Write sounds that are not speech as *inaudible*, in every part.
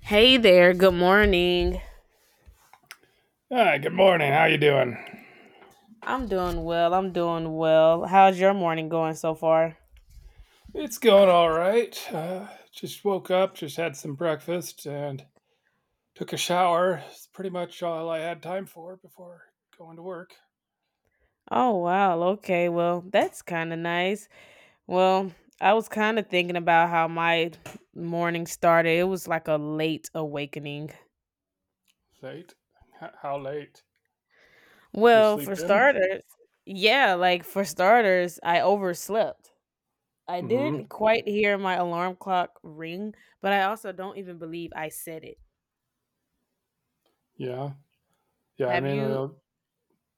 Hey there, good morning. Hi, good morning. How you doing? I'm doing well. I'm doing well. How's your morning going so far? It's going all right. Just woke up, just had some breakfast, and took a shower. It's pretty much all I had time for before going to work. Oh, wow. Okay. Well, that's kind of nice. Well, I was kind of thinking about how my morning started. It was like a late awakening. Late? How late? Did you Well, sleep for in? starters, yeah, like for starters, I overslept. I Mm didn't hmm quite hear my alarm clock ring, but I also don't even believe I said it. Yeah. Yeah. I Have mean, you the,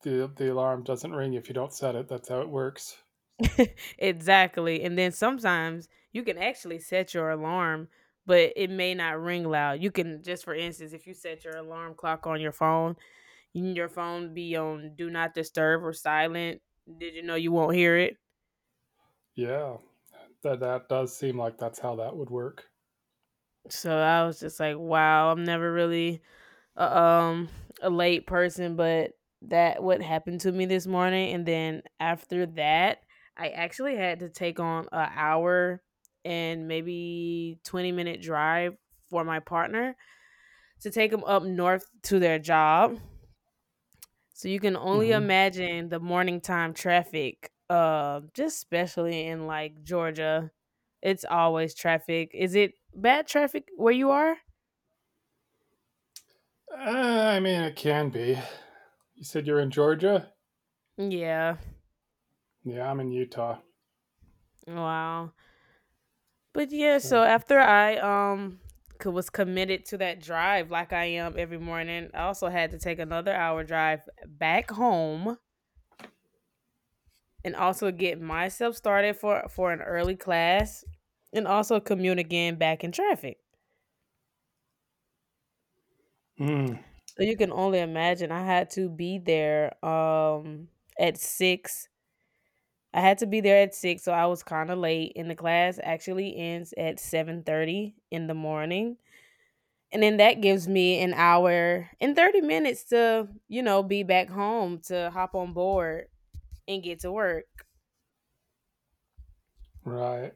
the the alarm doesn't ring if you don't set it. That's how it works. *laughs* exactly. And then sometimes you can actually set your alarm, but it may not ring loud. You can just for instance, if you set your alarm clock on your phone, your phone be on do not disturb or silent. Did you know you won't hear it? Yeah. That that does seem like that's how that would work. So I was just like, wow, I'm never really um a late person, but that what happened to me this morning. And then after that, I actually had to take on an hour and maybe 20-minute drive for my partner to take them up north to their job. So you can Mm only hmm imagine the morning time traffic, just especially in like Georgia. It's always traffic. Is it bad traffic where you are? I mean, it can be. You said you're in Georgia. Yeah. Yeah, I'm in Utah. Wow. But yeah, so So. after I was committed to that drive like I am every morning, I also had to take another hour drive back home and also get myself started for an early class and also commute again back in traffic. Hmm. So you can only imagine I had to be there at six. I had to be there at six, so I was kind of late and the class actually ends at 7:30 in the morning. And then that gives me an hour and 30 minutes to, you know, be back home to hop on board and get to work. Right.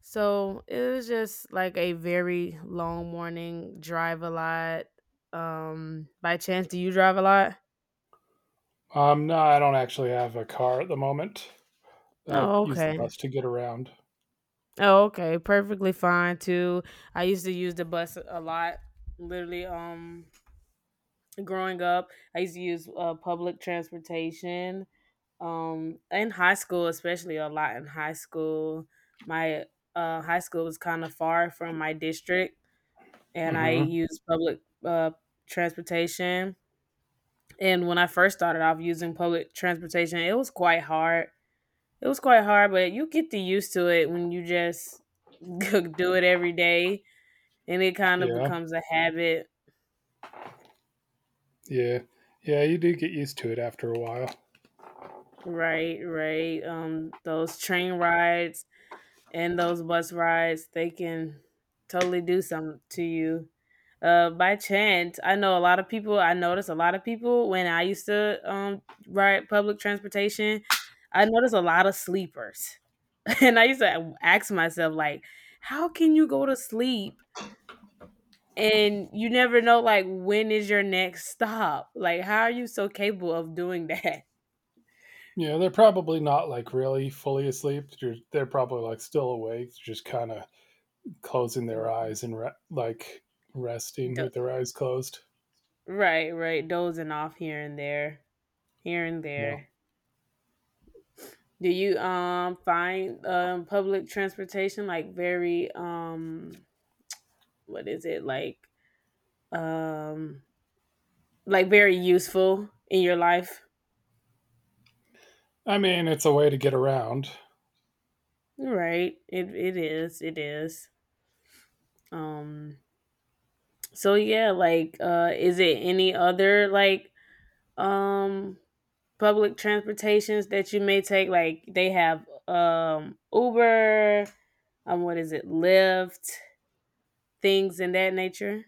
So it was just like a very long morning, drive a lot. By chance, do you drive a lot? No, I don't actually have a car at the moment. I Oh, use the okay. bus to get around. Oh, okay. Perfectly fine too. I used to use the bus a lot. Literally, growing up, I used to use public transportation. Um, in high school, especially a lot in high school, my high school was kind of far from my district, and I Hmm. used public uh transportation. And when I first started off using public transportation, it was quite hard, but you get to used to it when you just *laughs* do it every day, and it kind of Yeah, becomes a habit. yeah, yeah. You do get used to it after a while. Right, right. Um, those train rides and those bus rides, they can totally do something to you. By chance, I know a lot of people. I noticed a lot of people when I used to ride public transportation. I noticed a lot of sleepers, *laughs* and I used to ask myself like, how can you go to sleep and you never know like when is your next stop? Like, how are you so capable of doing that? *laughs* Yeah, they're probably not like really fully asleep. They're probably like still awake, just kind of closing their eyes and like resting Do- with their eyes closed. right, right, dozing off here and there, here and Yeah. there. Do you find public transportation like very what is it um like very useful in your life? I mean, it's a way to get around. Right It is, it is. Um, so yeah, like, is it any other like um public transportations that you may take, like they have Uber, what is it, Lyft, things in that nature?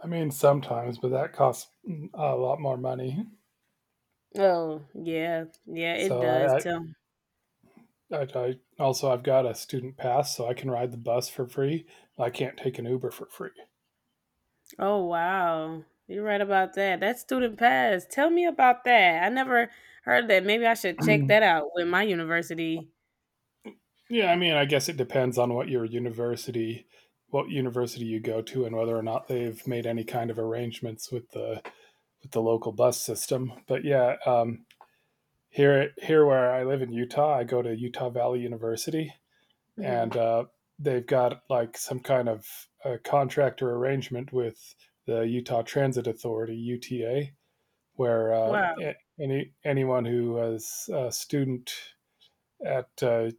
I mean, sometimes, but that costs a lot more money. Oh yeah, yeah, it So does I, tell. I, I also I've got a student pass, so I can ride the bus for free. I can't take an Uber for free. Oh wow. You're right about that. That student pass. Tell me about that. I never heard that. Maybe I should check that *clears throat* out with my university. Yeah, I mean, I guess it depends on what university you go to, and whether or not they've made any kind of arrangements with the local bus system. But yeah, here where I live in Utah, I go to Utah Valley University, and Hmm. They've got like some kind of a contract or arrangement with the Utah Transit Authority (UTA), where Wow. anyone who is a student at, uh,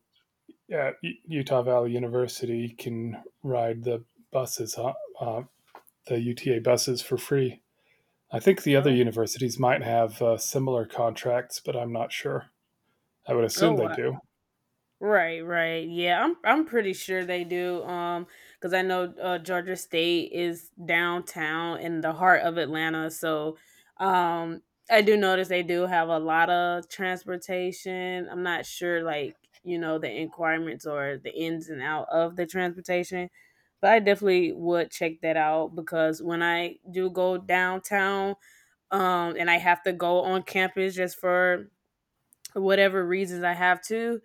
at Utah Valley University can ride the buses, huh? uh, the UTA buses for free. I think the other Oh. universities might have similar contracts, but I'm not sure. I would Oh assume they wow. do. Right, right. Yeah, I'm pretty sure they do. Because I know Georgia State is downtown in the heart of Atlanta, so um, I do notice they do have a lot of transportation. I'm not sure, like, you know, the requirements or the ins and out of the transportation, but I definitely would check that out. Because when I do go downtown, and I have to go on campus just for whatever reasons I have to,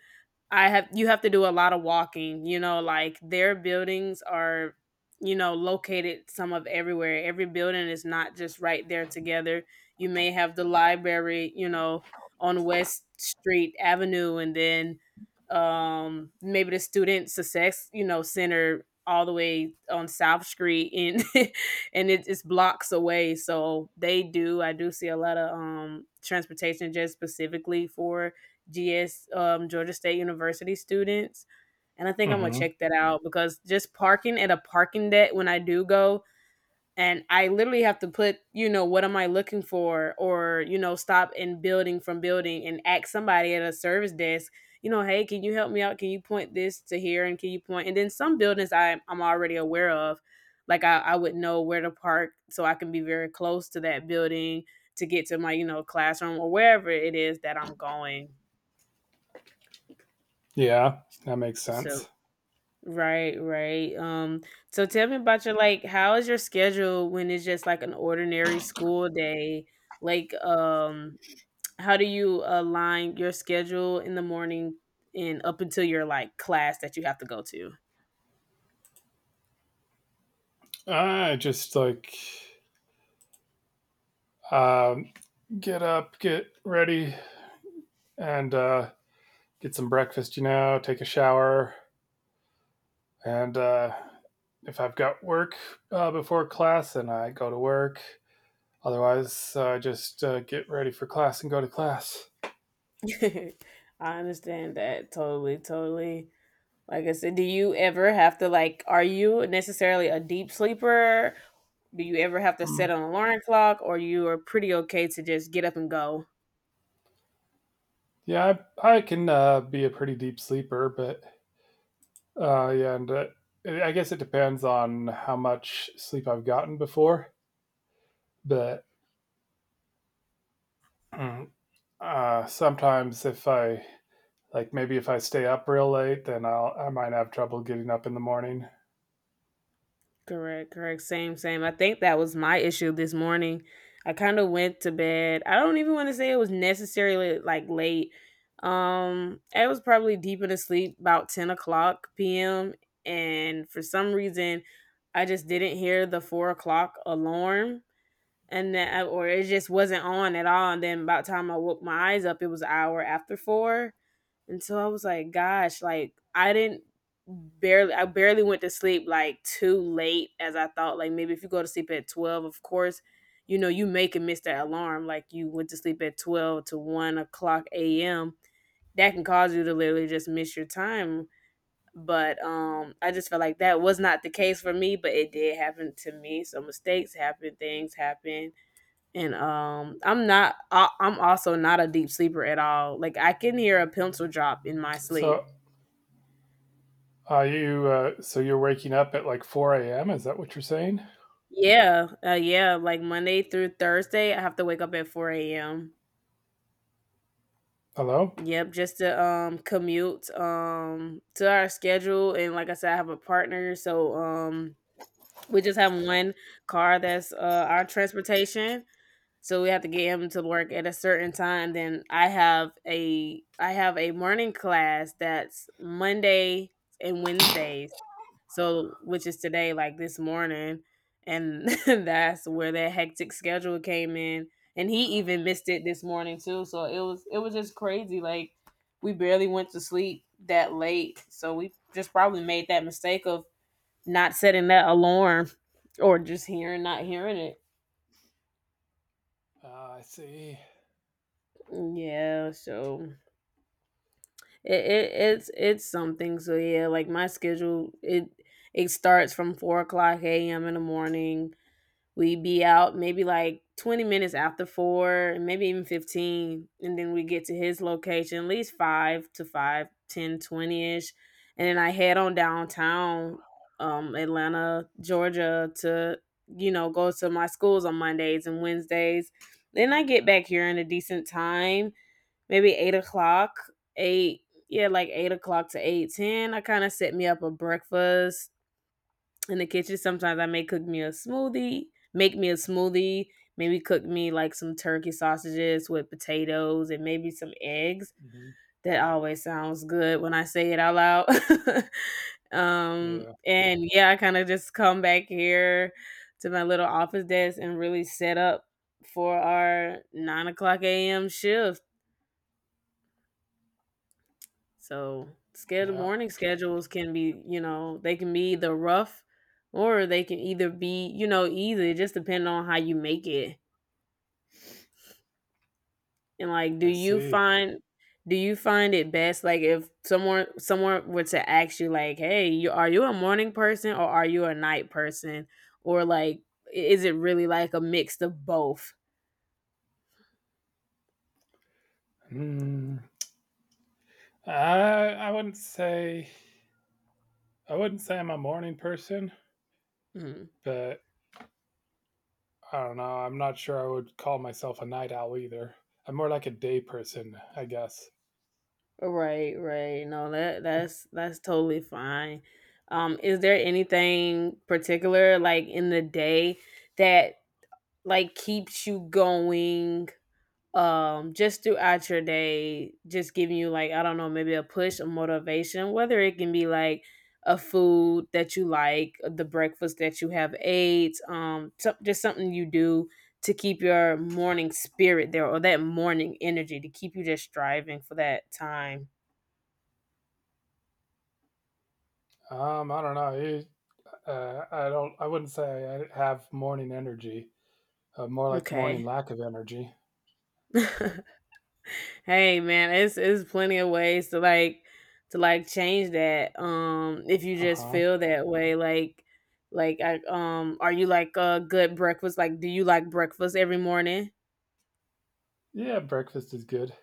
I have you have to do a lot of walking, you know. Like their buildings are, you know, located some of everywhere. Every building is not just right there together. You may have the library, you know, on West Street Avenue, and then um, maybe the student success, you know, center all the way on South Street, and *laughs* and it's blocks away. So they do, I do see a lot of transportation just specifically for GS, Georgia State University students, and I think I'm gonna Hmm. check that out because just parking at a parking deck when I do go, and I literally have to put, you know, what am I looking for, or you know, stop in building from building and ask somebody at a service desk. You know, hey, can you help me out? Can you point this to here, and can you point? And then some buildings I'm already aware of, like I would know where to park, so I can be very close to that building to get to my, you know, classroom or wherever it is that I'm going. Yeah, that makes So sense. right, right. So tell me about your, like, how is your schedule when it's just like an ordinary school day? Like, how do you align your schedule in the morning and up until your like class that you have to go to? I just like um, get up, get ready, and get some breakfast. You know, take a shower. And If I've got work before class, then I go to work. Otherwise, I just get ready for class and go to class. *laughs* I understand that totally, totally. Like I said, do you ever have to like are you necessarily a deep sleeper? Do you ever have to Hmm. set an alarm clock or you are pretty okay to just get up and go? Yeah, I can be a pretty deep sleeper, but yeah, and I guess it depends on how much sleep I've gotten before. But mm, sometimes, if I like, maybe if I stay up real late, then I might have trouble getting up in the morning. Correct, correct. Same, same. I think that was my issue this morning. I kind of went to bed. I don't even want to say it was necessarily like late. I was probably deep in the sleep about 10 o'clock p.m. And for some reason, I just didn't hear the 4 o'clock alarm. And then, or it just wasn't on at all. And then by the time I woke my eyes up, it was an hour after four. And so I was like, gosh, like I didn't barely went to sleep like too late as I thought. Like maybe if you go to sleep at 12, of course, you know, you make and miss that alarm. Like you went to sleep at 12 to 1 o'clock AM. That can cause you to literally just miss your time. But um, I just felt like that was not the case for me, but it did happen to me. So mistakes happen, things happen. And um, I'm also not a deep sleeper at all. Like I can hear a pencil drop in my sleep. So are you so you're waking up at like 4 a.m.? Is that what you're saying? Yeah, yeah, like Monday through Thursday, I have to wake up at 4 a.m. Hello? Yep, just to commute to our schedule, and like I said, I have a partner, so um, we just have one car that's our transportation. So we have to get him to work at a certain time. Then I have a morning class that's Monday and Wednesdays, so which is today, like this morning, and *laughs* that's where that hectic schedule came in. And he even missed it this morning too, so it was just crazy. Like we barely went to sleep that late, so we just probably made that mistake of not setting that alarm, or just hearing not hearing it. I see. Yeah, so it's something. So yeah, like my schedule, it starts from 4 o'clock a.m. in the morning. We be out maybe like 20 minutes after four, maybe even 15, and then we get to his location at least five to five, ten, 20 ish, and then I head on downtown, Atlanta, Georgia, to you know go to my schools on Mondays and Wednesdays. Then I get back here in a decent time, maybe 8 o'clock, eight, yeah, like 8 o'clock to 8:10. I kind of set me up a breakfast in the kitchen. Sometimes I may cook me a smoothie, make me a smoothie, maybe cook me like some turkey sausages with potatoes and maybe some eggs. Mhm. That always sounds good when I say it out loud. *laughs* Um, Yeah, and yeah, I kind of just come back here to my little office desk and really set up for our 9 o'clock a.m. shift. So, schedule, yeah, morning schedules can be, you know, they can be either rough or they can either be, you know, easy. It just depends on how you make it. And like, do I you see. find it best like if someone were to ask you like, "Hey, you are you a morning person or are you a night person?" Or like is it really like a mix of both? Mm. I I wouldn't say I wouldn't say I'm a morning person, Mm-hmm. but I don't know. I'm not sure I would call myself a night owl either. I'm more like a day person, I guess. Right, right. No, that's totally fine. Is there anything particular like in the day that like keeps you going just throughout your day, just giving you like, I don't know, maybe a push, a motivation, whether it can be like a food that you like, the breakfast that you have ate, some just something you do to keep your morning spirit there or that morning energy to keep you just striving for that time. I don't know. You- I don't. I wouldn't say I have morning energy. More like Okay. morning lack of energy. *laughs* Hey man, it's plenty of ways to like to change that. If you Uh just huh. feel that way like I are you like a good breakfast? Like do you like breakfast every morning? Yeah, breakfast is good.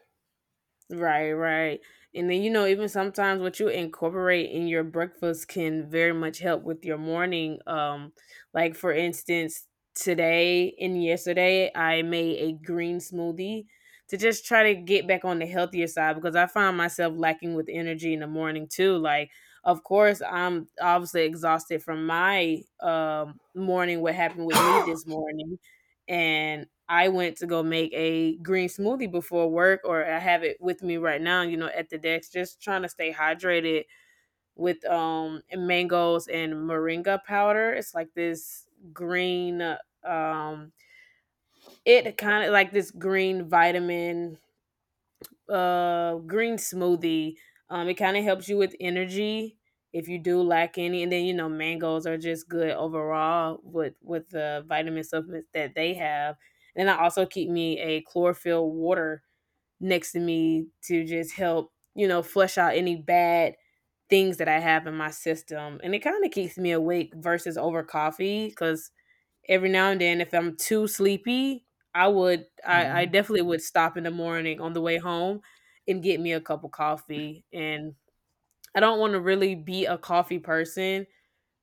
Right, right. And then, you know, even sometimes what you incorporate in your breakfast can very much help with your morning. Like for instance, today and yesterday, I made a green smoothie to just try to get back on the healthier side because I find myself lacking with energy in the morning too. Like, of course, I'm obviously exhausted from my morning, what happened with me this *coughs* morning, and I went to go make a green smoothie before work, or I have it with me right now, you know, at the desk, just trying to stay hydrated with mangoes and moringa powder. It's like this green um it kind of like this green vitamin green smoothie. It kind of helps you with energy if you do lack any, and then you know mangoes are just good overall with the vitamin supplements that they have. And I also keep me a chlorophyll water next to me to just help you know flush out any bad things that I have in my system, and it kind of keeps me awake versus over coffee because every now and then if I'm too sleepy, I Mhm. definitely would stop in the morning on the way home and get me a cup of coffee. And I don't want to really be a coffee person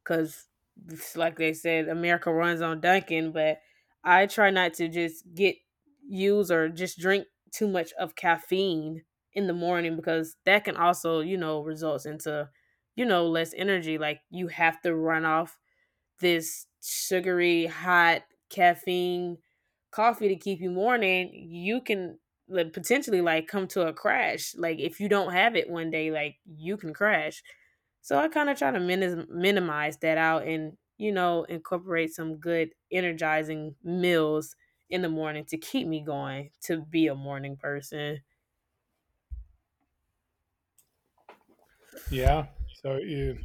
because like they said, America runs on Dunkin', but I try not to just get use or just drink too much of caffeine in the morning because that can also, you know, results into, you know, less energy. Like you have to run off this sugary, hot caffeine coffee to keep you morning, you can like, potentially like come to a crash. Like if you don't have it one day, like you can crash. So I kind of try to minimize that out and you know incorporate some good energizing meals in the morning to keep me going to be a morning person. Yeah.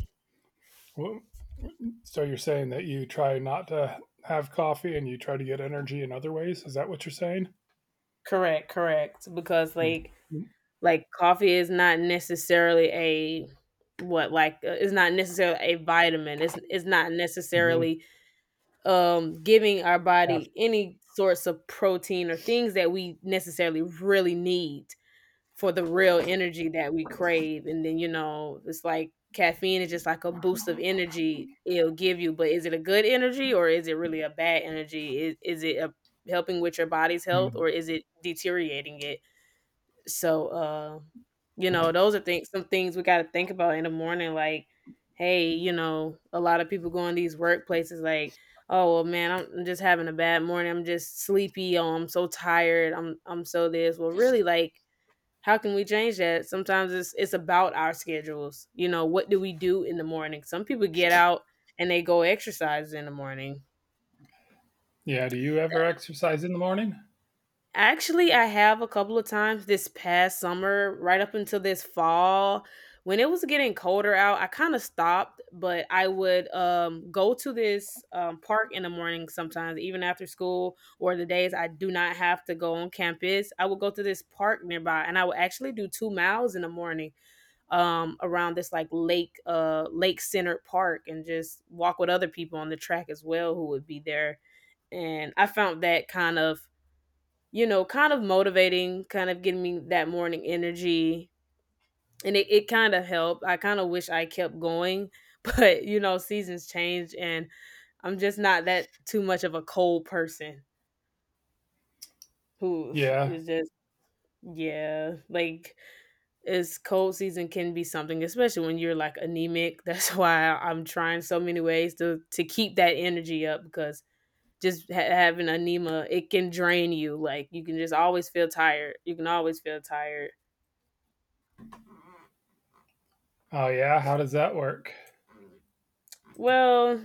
w so you're saying that you try not to have coffee and you try to get energy in other ways? Is that what you're saying? Correct, correct. Because Mm. like Mm, Like, coffee is not necessarily a what, like, it's not necessarily a vitamin. It's not mhm, necessarily, giving our caf body any sorts of protein or things that we necessarily really need for the real energy that we crave, and then, you know, it's like caffeine is just like a boost of energy it'll give you, but is it a good energy or is it really a bad energy? Is it helping with your body's health mm. or is it deteriorating it? So, you know, those are things some things we gotta think about in the morning, like, hey, you know, a lot of people go in these workplaces like, oh well man, I'm just having a bad morning. I'm just sleepy. Oh, I'm so tired. I'm so this. Well, really like how can we change that? Sometimes it's about our schedules. You know, what do we do in the morning? Some people get out and they go exercise in the morning. Yeah, do you ever exercise in the morning? Actually, I have a couple of times this past summer, right up until this fall, when it was getting colder out, I kind of stopped, but I would go to this park in the morning sometimes, even after school or the days I do not have to go on campus. I would go to this park nearby, and I would actually do 2 miles in the morning around this like lake, lake centered park, and just walk with other people on the track as well who would be there and I found that kind of you know, kind of motivating, kind of giving me that morning energy. And it kind of helped. I kind of wish I kept going, *laughs* but you know, seasons change and I'm just not that too much of a cold person who Yeah. is just, yeah, like it's cold season can be something, especially when you're like anemic. *laughs* That's why I'm trying so many ways to keep that energy up because just having anemia, it can drain you. Like you can just always feel tired. You can always feel tired. Oh, yeah? How does that work? Well,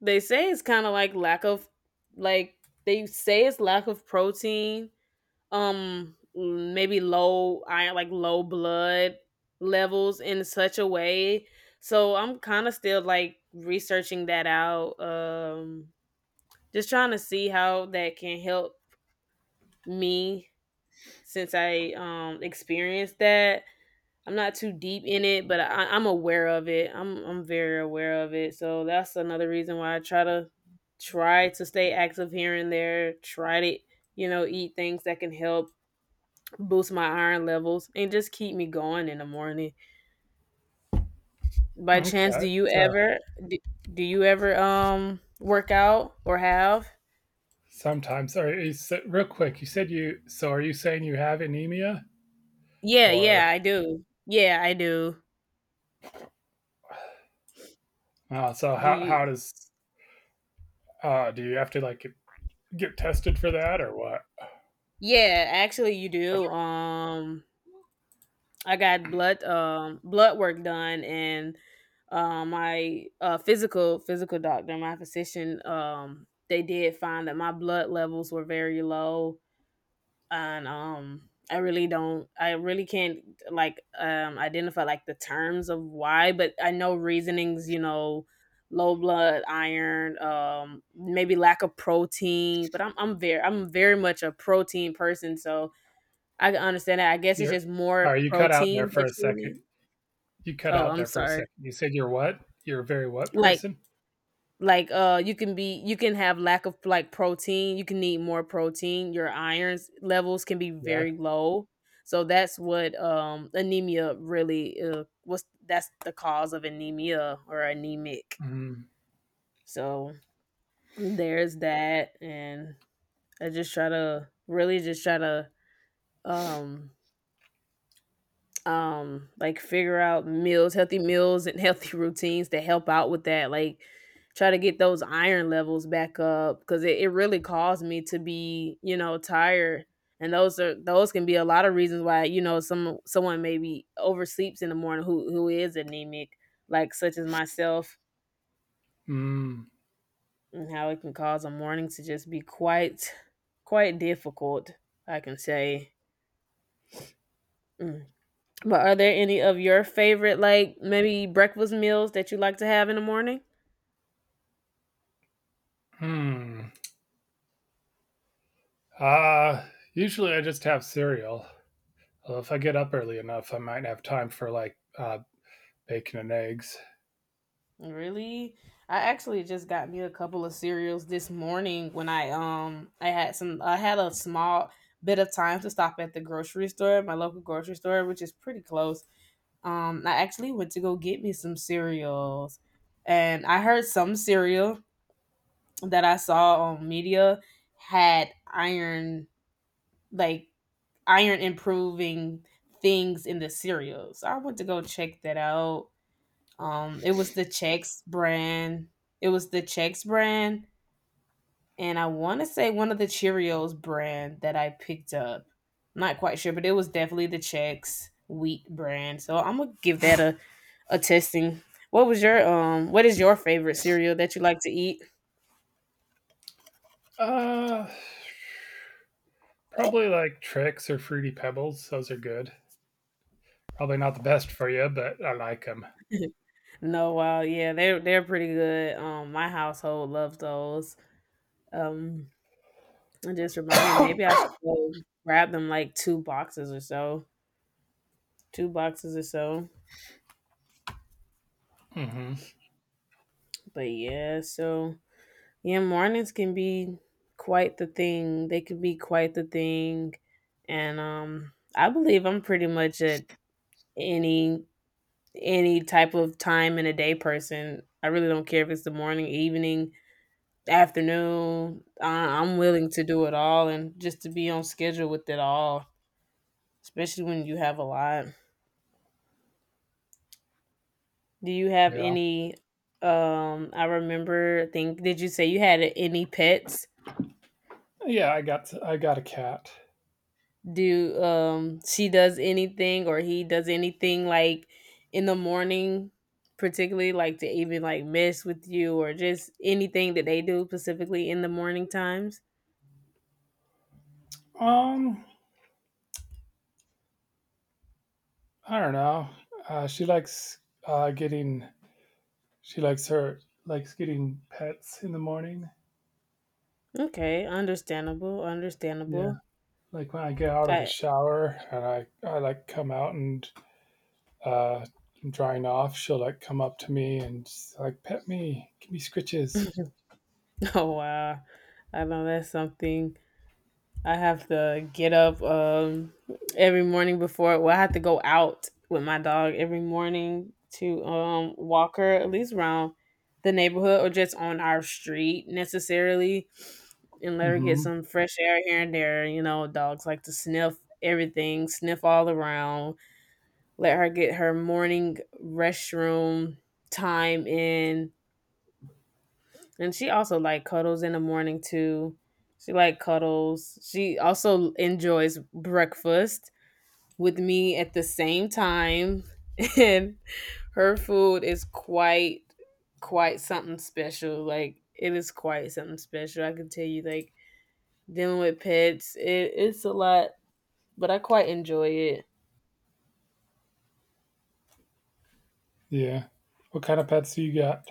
they say it's kind of like lack of like they say it's lack of protein, maybe low iron like low blood levels in such a way. So I'm kind of still like researching that out, just trying to see how that can help me since I experienced that. I'm not too deep in it, but I'm aware of it. I'm very aware of it. So that's another reason why I try to stay active here and there. Try to you know eat things that can help boost my iron levels and just keep me going in the morning. By chance, Okay. So, do, do you ever work out or have? sometimes are you s real quick, You said you so are you saying you have anemia? Yeah, yeah, Or I do. Yeah, I do. Oh, so Do how you? how does do you have to, like, get tested for that or what? Yeah, actually, you do. I got blood blood work done and my physical doctor, my physician, they did find that my blood levels were very low, and I really can't like identify like the terms of why, but I know reasonings, you know, low blood iron, maybe lack of protein, but I'm very much a protein person, so I can understand that. I guess it's You're just more Sorry, you cut out there protein for that a you need. second. You cut Oh, out I'm there for a sorry. second. You said you're what? You're a very what Like person? like you can be you can have lack of like protein, you can need more protein. Your irons levels can be Yeah. very low. So that's what anemia really was that's the cause of anemia or anemic. Mm, So there's that and I just try to really just try to um like figure out meals healthy meals and healthy *laughs* routines to help out with that like try to get those iron levels back up because it really caused me to be you know tired and those are those can be a lot of reasons why you know some someone maybe oversleeps in the morning who is anemic like such as myself mm, and how it can cause a morning to just be quite quite difficult I can say. Mm. But are there any of your favorite, like maybe breakfast meals that you like to have in the morning? mm. Uh, usually I just have cereal. Well, if I get up early enough, I might have time for like bacon and eggs. Really? I actually just got me a couple of cereals this morning when I had a small bit of time to stop at the grocery store, my local grocery store, which is pretty close. I actually went to go get me some cereals. And I heard some cereal that I saw on media had iron like iron improving things in the cereals. I went to go check that out. It was the Chex brand. It was the Chex brand, and I want to say one of the Cheerios brand that I picked up. Not quite sure, but it was definitely the Chex wheat brand. So I'm gonna give that a testing. What was your What is your favorite cereal that you like to eat? Uh, probably like tricks or fruity pebbles. Those are good. Probably not the best for you, but I like them. No, wow, yeah, they're pretty good. My household loves those. Um, It just *coughs* reminded me maybe I mm should go grab them like two boxes or so. Two boxes or so. hmm But yeah, so yeah, mornings can be quite the thing. They can be quite the thing. And I believe I'm pretty much at any any type of time in a day person. I really don't care if it's the morning, evening, afternoon. I'm willing to do it all and just to be on schedule with it all, especially when you have a lot. Do you have Yeah. any I remember I think did you say you had any pets? Yeah, I got a cat. Do she does anything or he does anything like in the morning particularly like to even like mess with you or just anything that they do specifically in the morning times? Um, I don't know. She likes getting She likes her likes getting pets in the morning. Okay, understandable, Yeah, understandable. like when I get out of the I shower and I like come out and uh, I'm drying off, she'll like come up to me and she's like pet me, give me scritches. *laughs* oh wow. I know that's something I have to get up every morning before. Well, I have to go out with my dog every morning to walk her at least around the neighborhood or just on our street necessarily, and let her get Mm-hmm. some fresh air here and there. You know, dogs like to sniff everything, sniff all around. Let her get her morning restroom time in, and she also like cuddles in the morning too. She like cuddles. She also enjoys breakfast with me at the same time. *laughs* And her food is quite something special. Like it is quite something special. I can tell you, like dealing with pets, it's a lot, but I quite enjoy it. Yeah. What kind of pets do you got?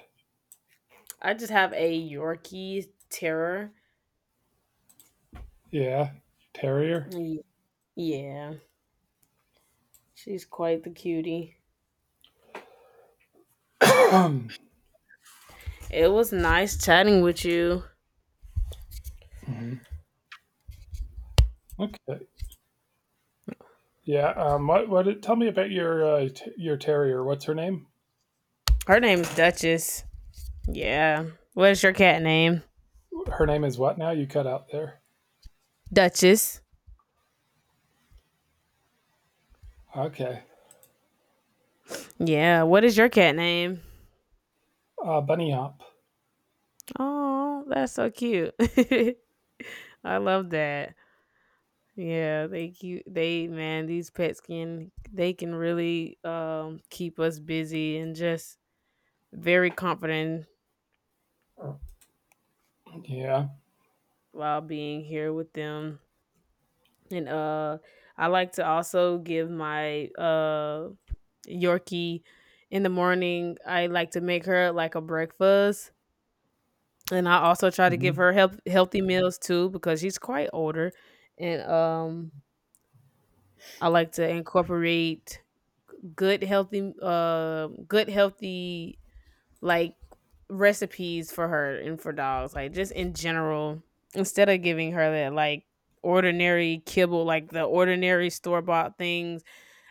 I just have a Yorkie terror. Yeah, terrier. Y- Yeah. She's quite the cutie. *clears throat* Hmm. It was nice chatting with you. Okay. Yeah. What? What? Tell me about your your terrier. What's her name? Her name's Duchess. Yeah. What is your cat name? Her name is what now? You cut out there. Duchess. Okay. Yeah. What is your cat name? Bunny hop. Oh, that's so cute. *laughs* I love that. Yeah, they cute. They, man, these pets can, they can really keep us busy and just very confident Yeah. while being here with them. And I like to also give my Yorkie in the morning. I like to make her like a breakfast. And I also try to give her hmm health, healthy meals too because she's quite older, and I like to incorporate good healthy like recipes for her and for dogs, like just in general. Instead of giving her that like ordinary kibble, like the ordinary store bought things.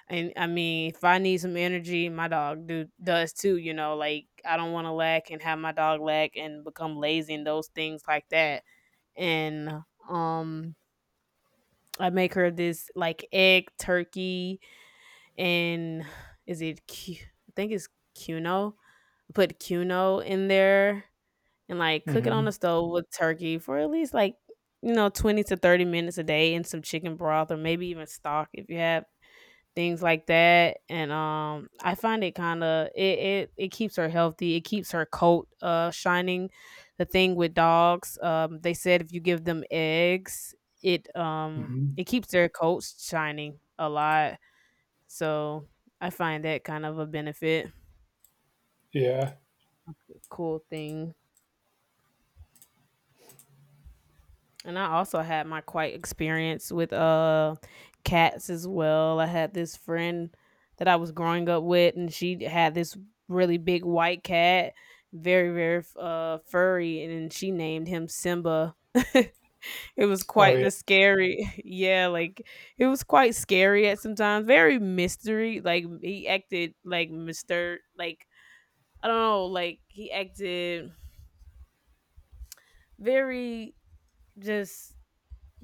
And I mean, if I need some energy, my dog do does too. You know, like I don't want to lack and have my dog lack and become lazy and those things like that. And um I make her this like egg turkey. And is it I think it's cuno. I put cuno in there and like cook it on the hmm stove with turkey for at least like, you know, 20 to 30 minutes a day, and some chicken broth or maybe even stock if you have things like that. And I find it kind of, it keeps her healthy, it keeps her coat shining. The thing with dogs, they said if you give them eggs, it Mhm. it keeps their coats shining a lot. So I find that kind of a benefit, Yeah. cool thing. And I also had my quite experience with cats as well. I had this friend that I was growing up with, and she had this really big white cat, very furry, and then she named him Simba. *laughs* It was Oh, quite yeah. the scary. *laughs* Yeah, like it was quite scary at some times. Very mystery. Like he acted like Mr., like I don't know, like he acted very, just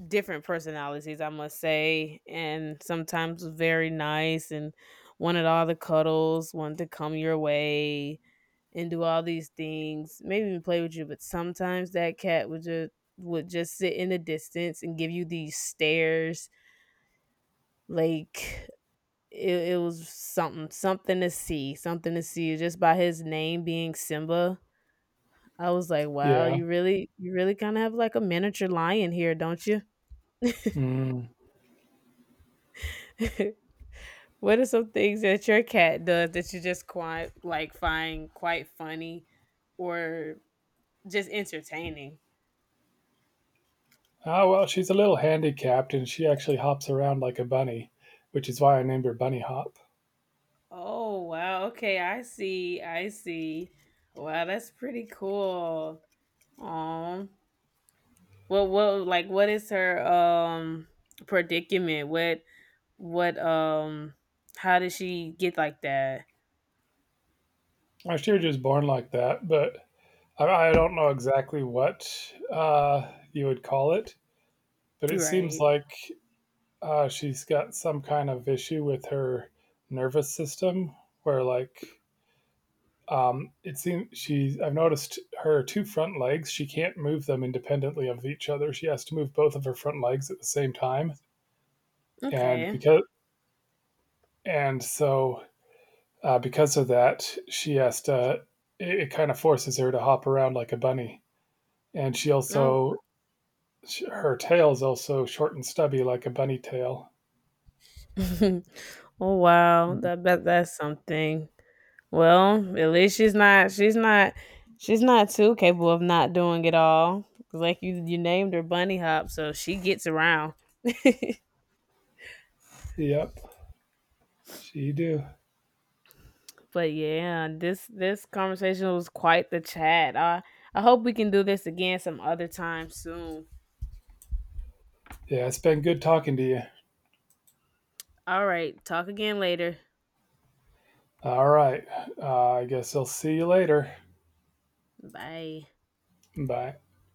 different personalities, I must say. And sometimes was very nice and wanted all the cuddles, wanted to come your way and do all these things, maybe even play with you. But sometimes that cat would just sit in the distance and give you these stares, like it was something, something to see, something to see. Just by his name being Simba, I was like, wow, Yeah. You really kind of have like a miniature lion here, don't you? Mm. *laughs* What are some things that your cat does that you just quite like find quite funny or just entertaining? Oh, well, she's a little handicapped, and she actually hops around like a bunny, which is why I named her Bunny Hop. Oh wow, okay, I see, I see. Wow, that's pretty cool. Um, what like what is her predicament? What how did she get like that? She was just born like that, but I, I don't know exactly what you would call it. But it seems Right. like she's got some kind of issue with her nervous system, where like um, it seems she's. I've noticed her two front legs. She can't move them independently of each other. She has to move both of her front legs at the same time, and Okay. because and so because of that, she has to. It kind of forces her to hop around like a bunny, and Oh. Her tail is also short and stubby like a bunny tail. *laughs* Oh wow. That, that's something. Well, at least she's not, she's not too capable of not doing it all. 'Cause like you named her Bunny Hop, so she gets around. Yep, she do. But yeah, this conversation was quite the chat. I hope we can do this again some other time soon. Yeah, it's been good talking to you. All right, talk again later. All right, I guess I'll see you later. Bye. Bye.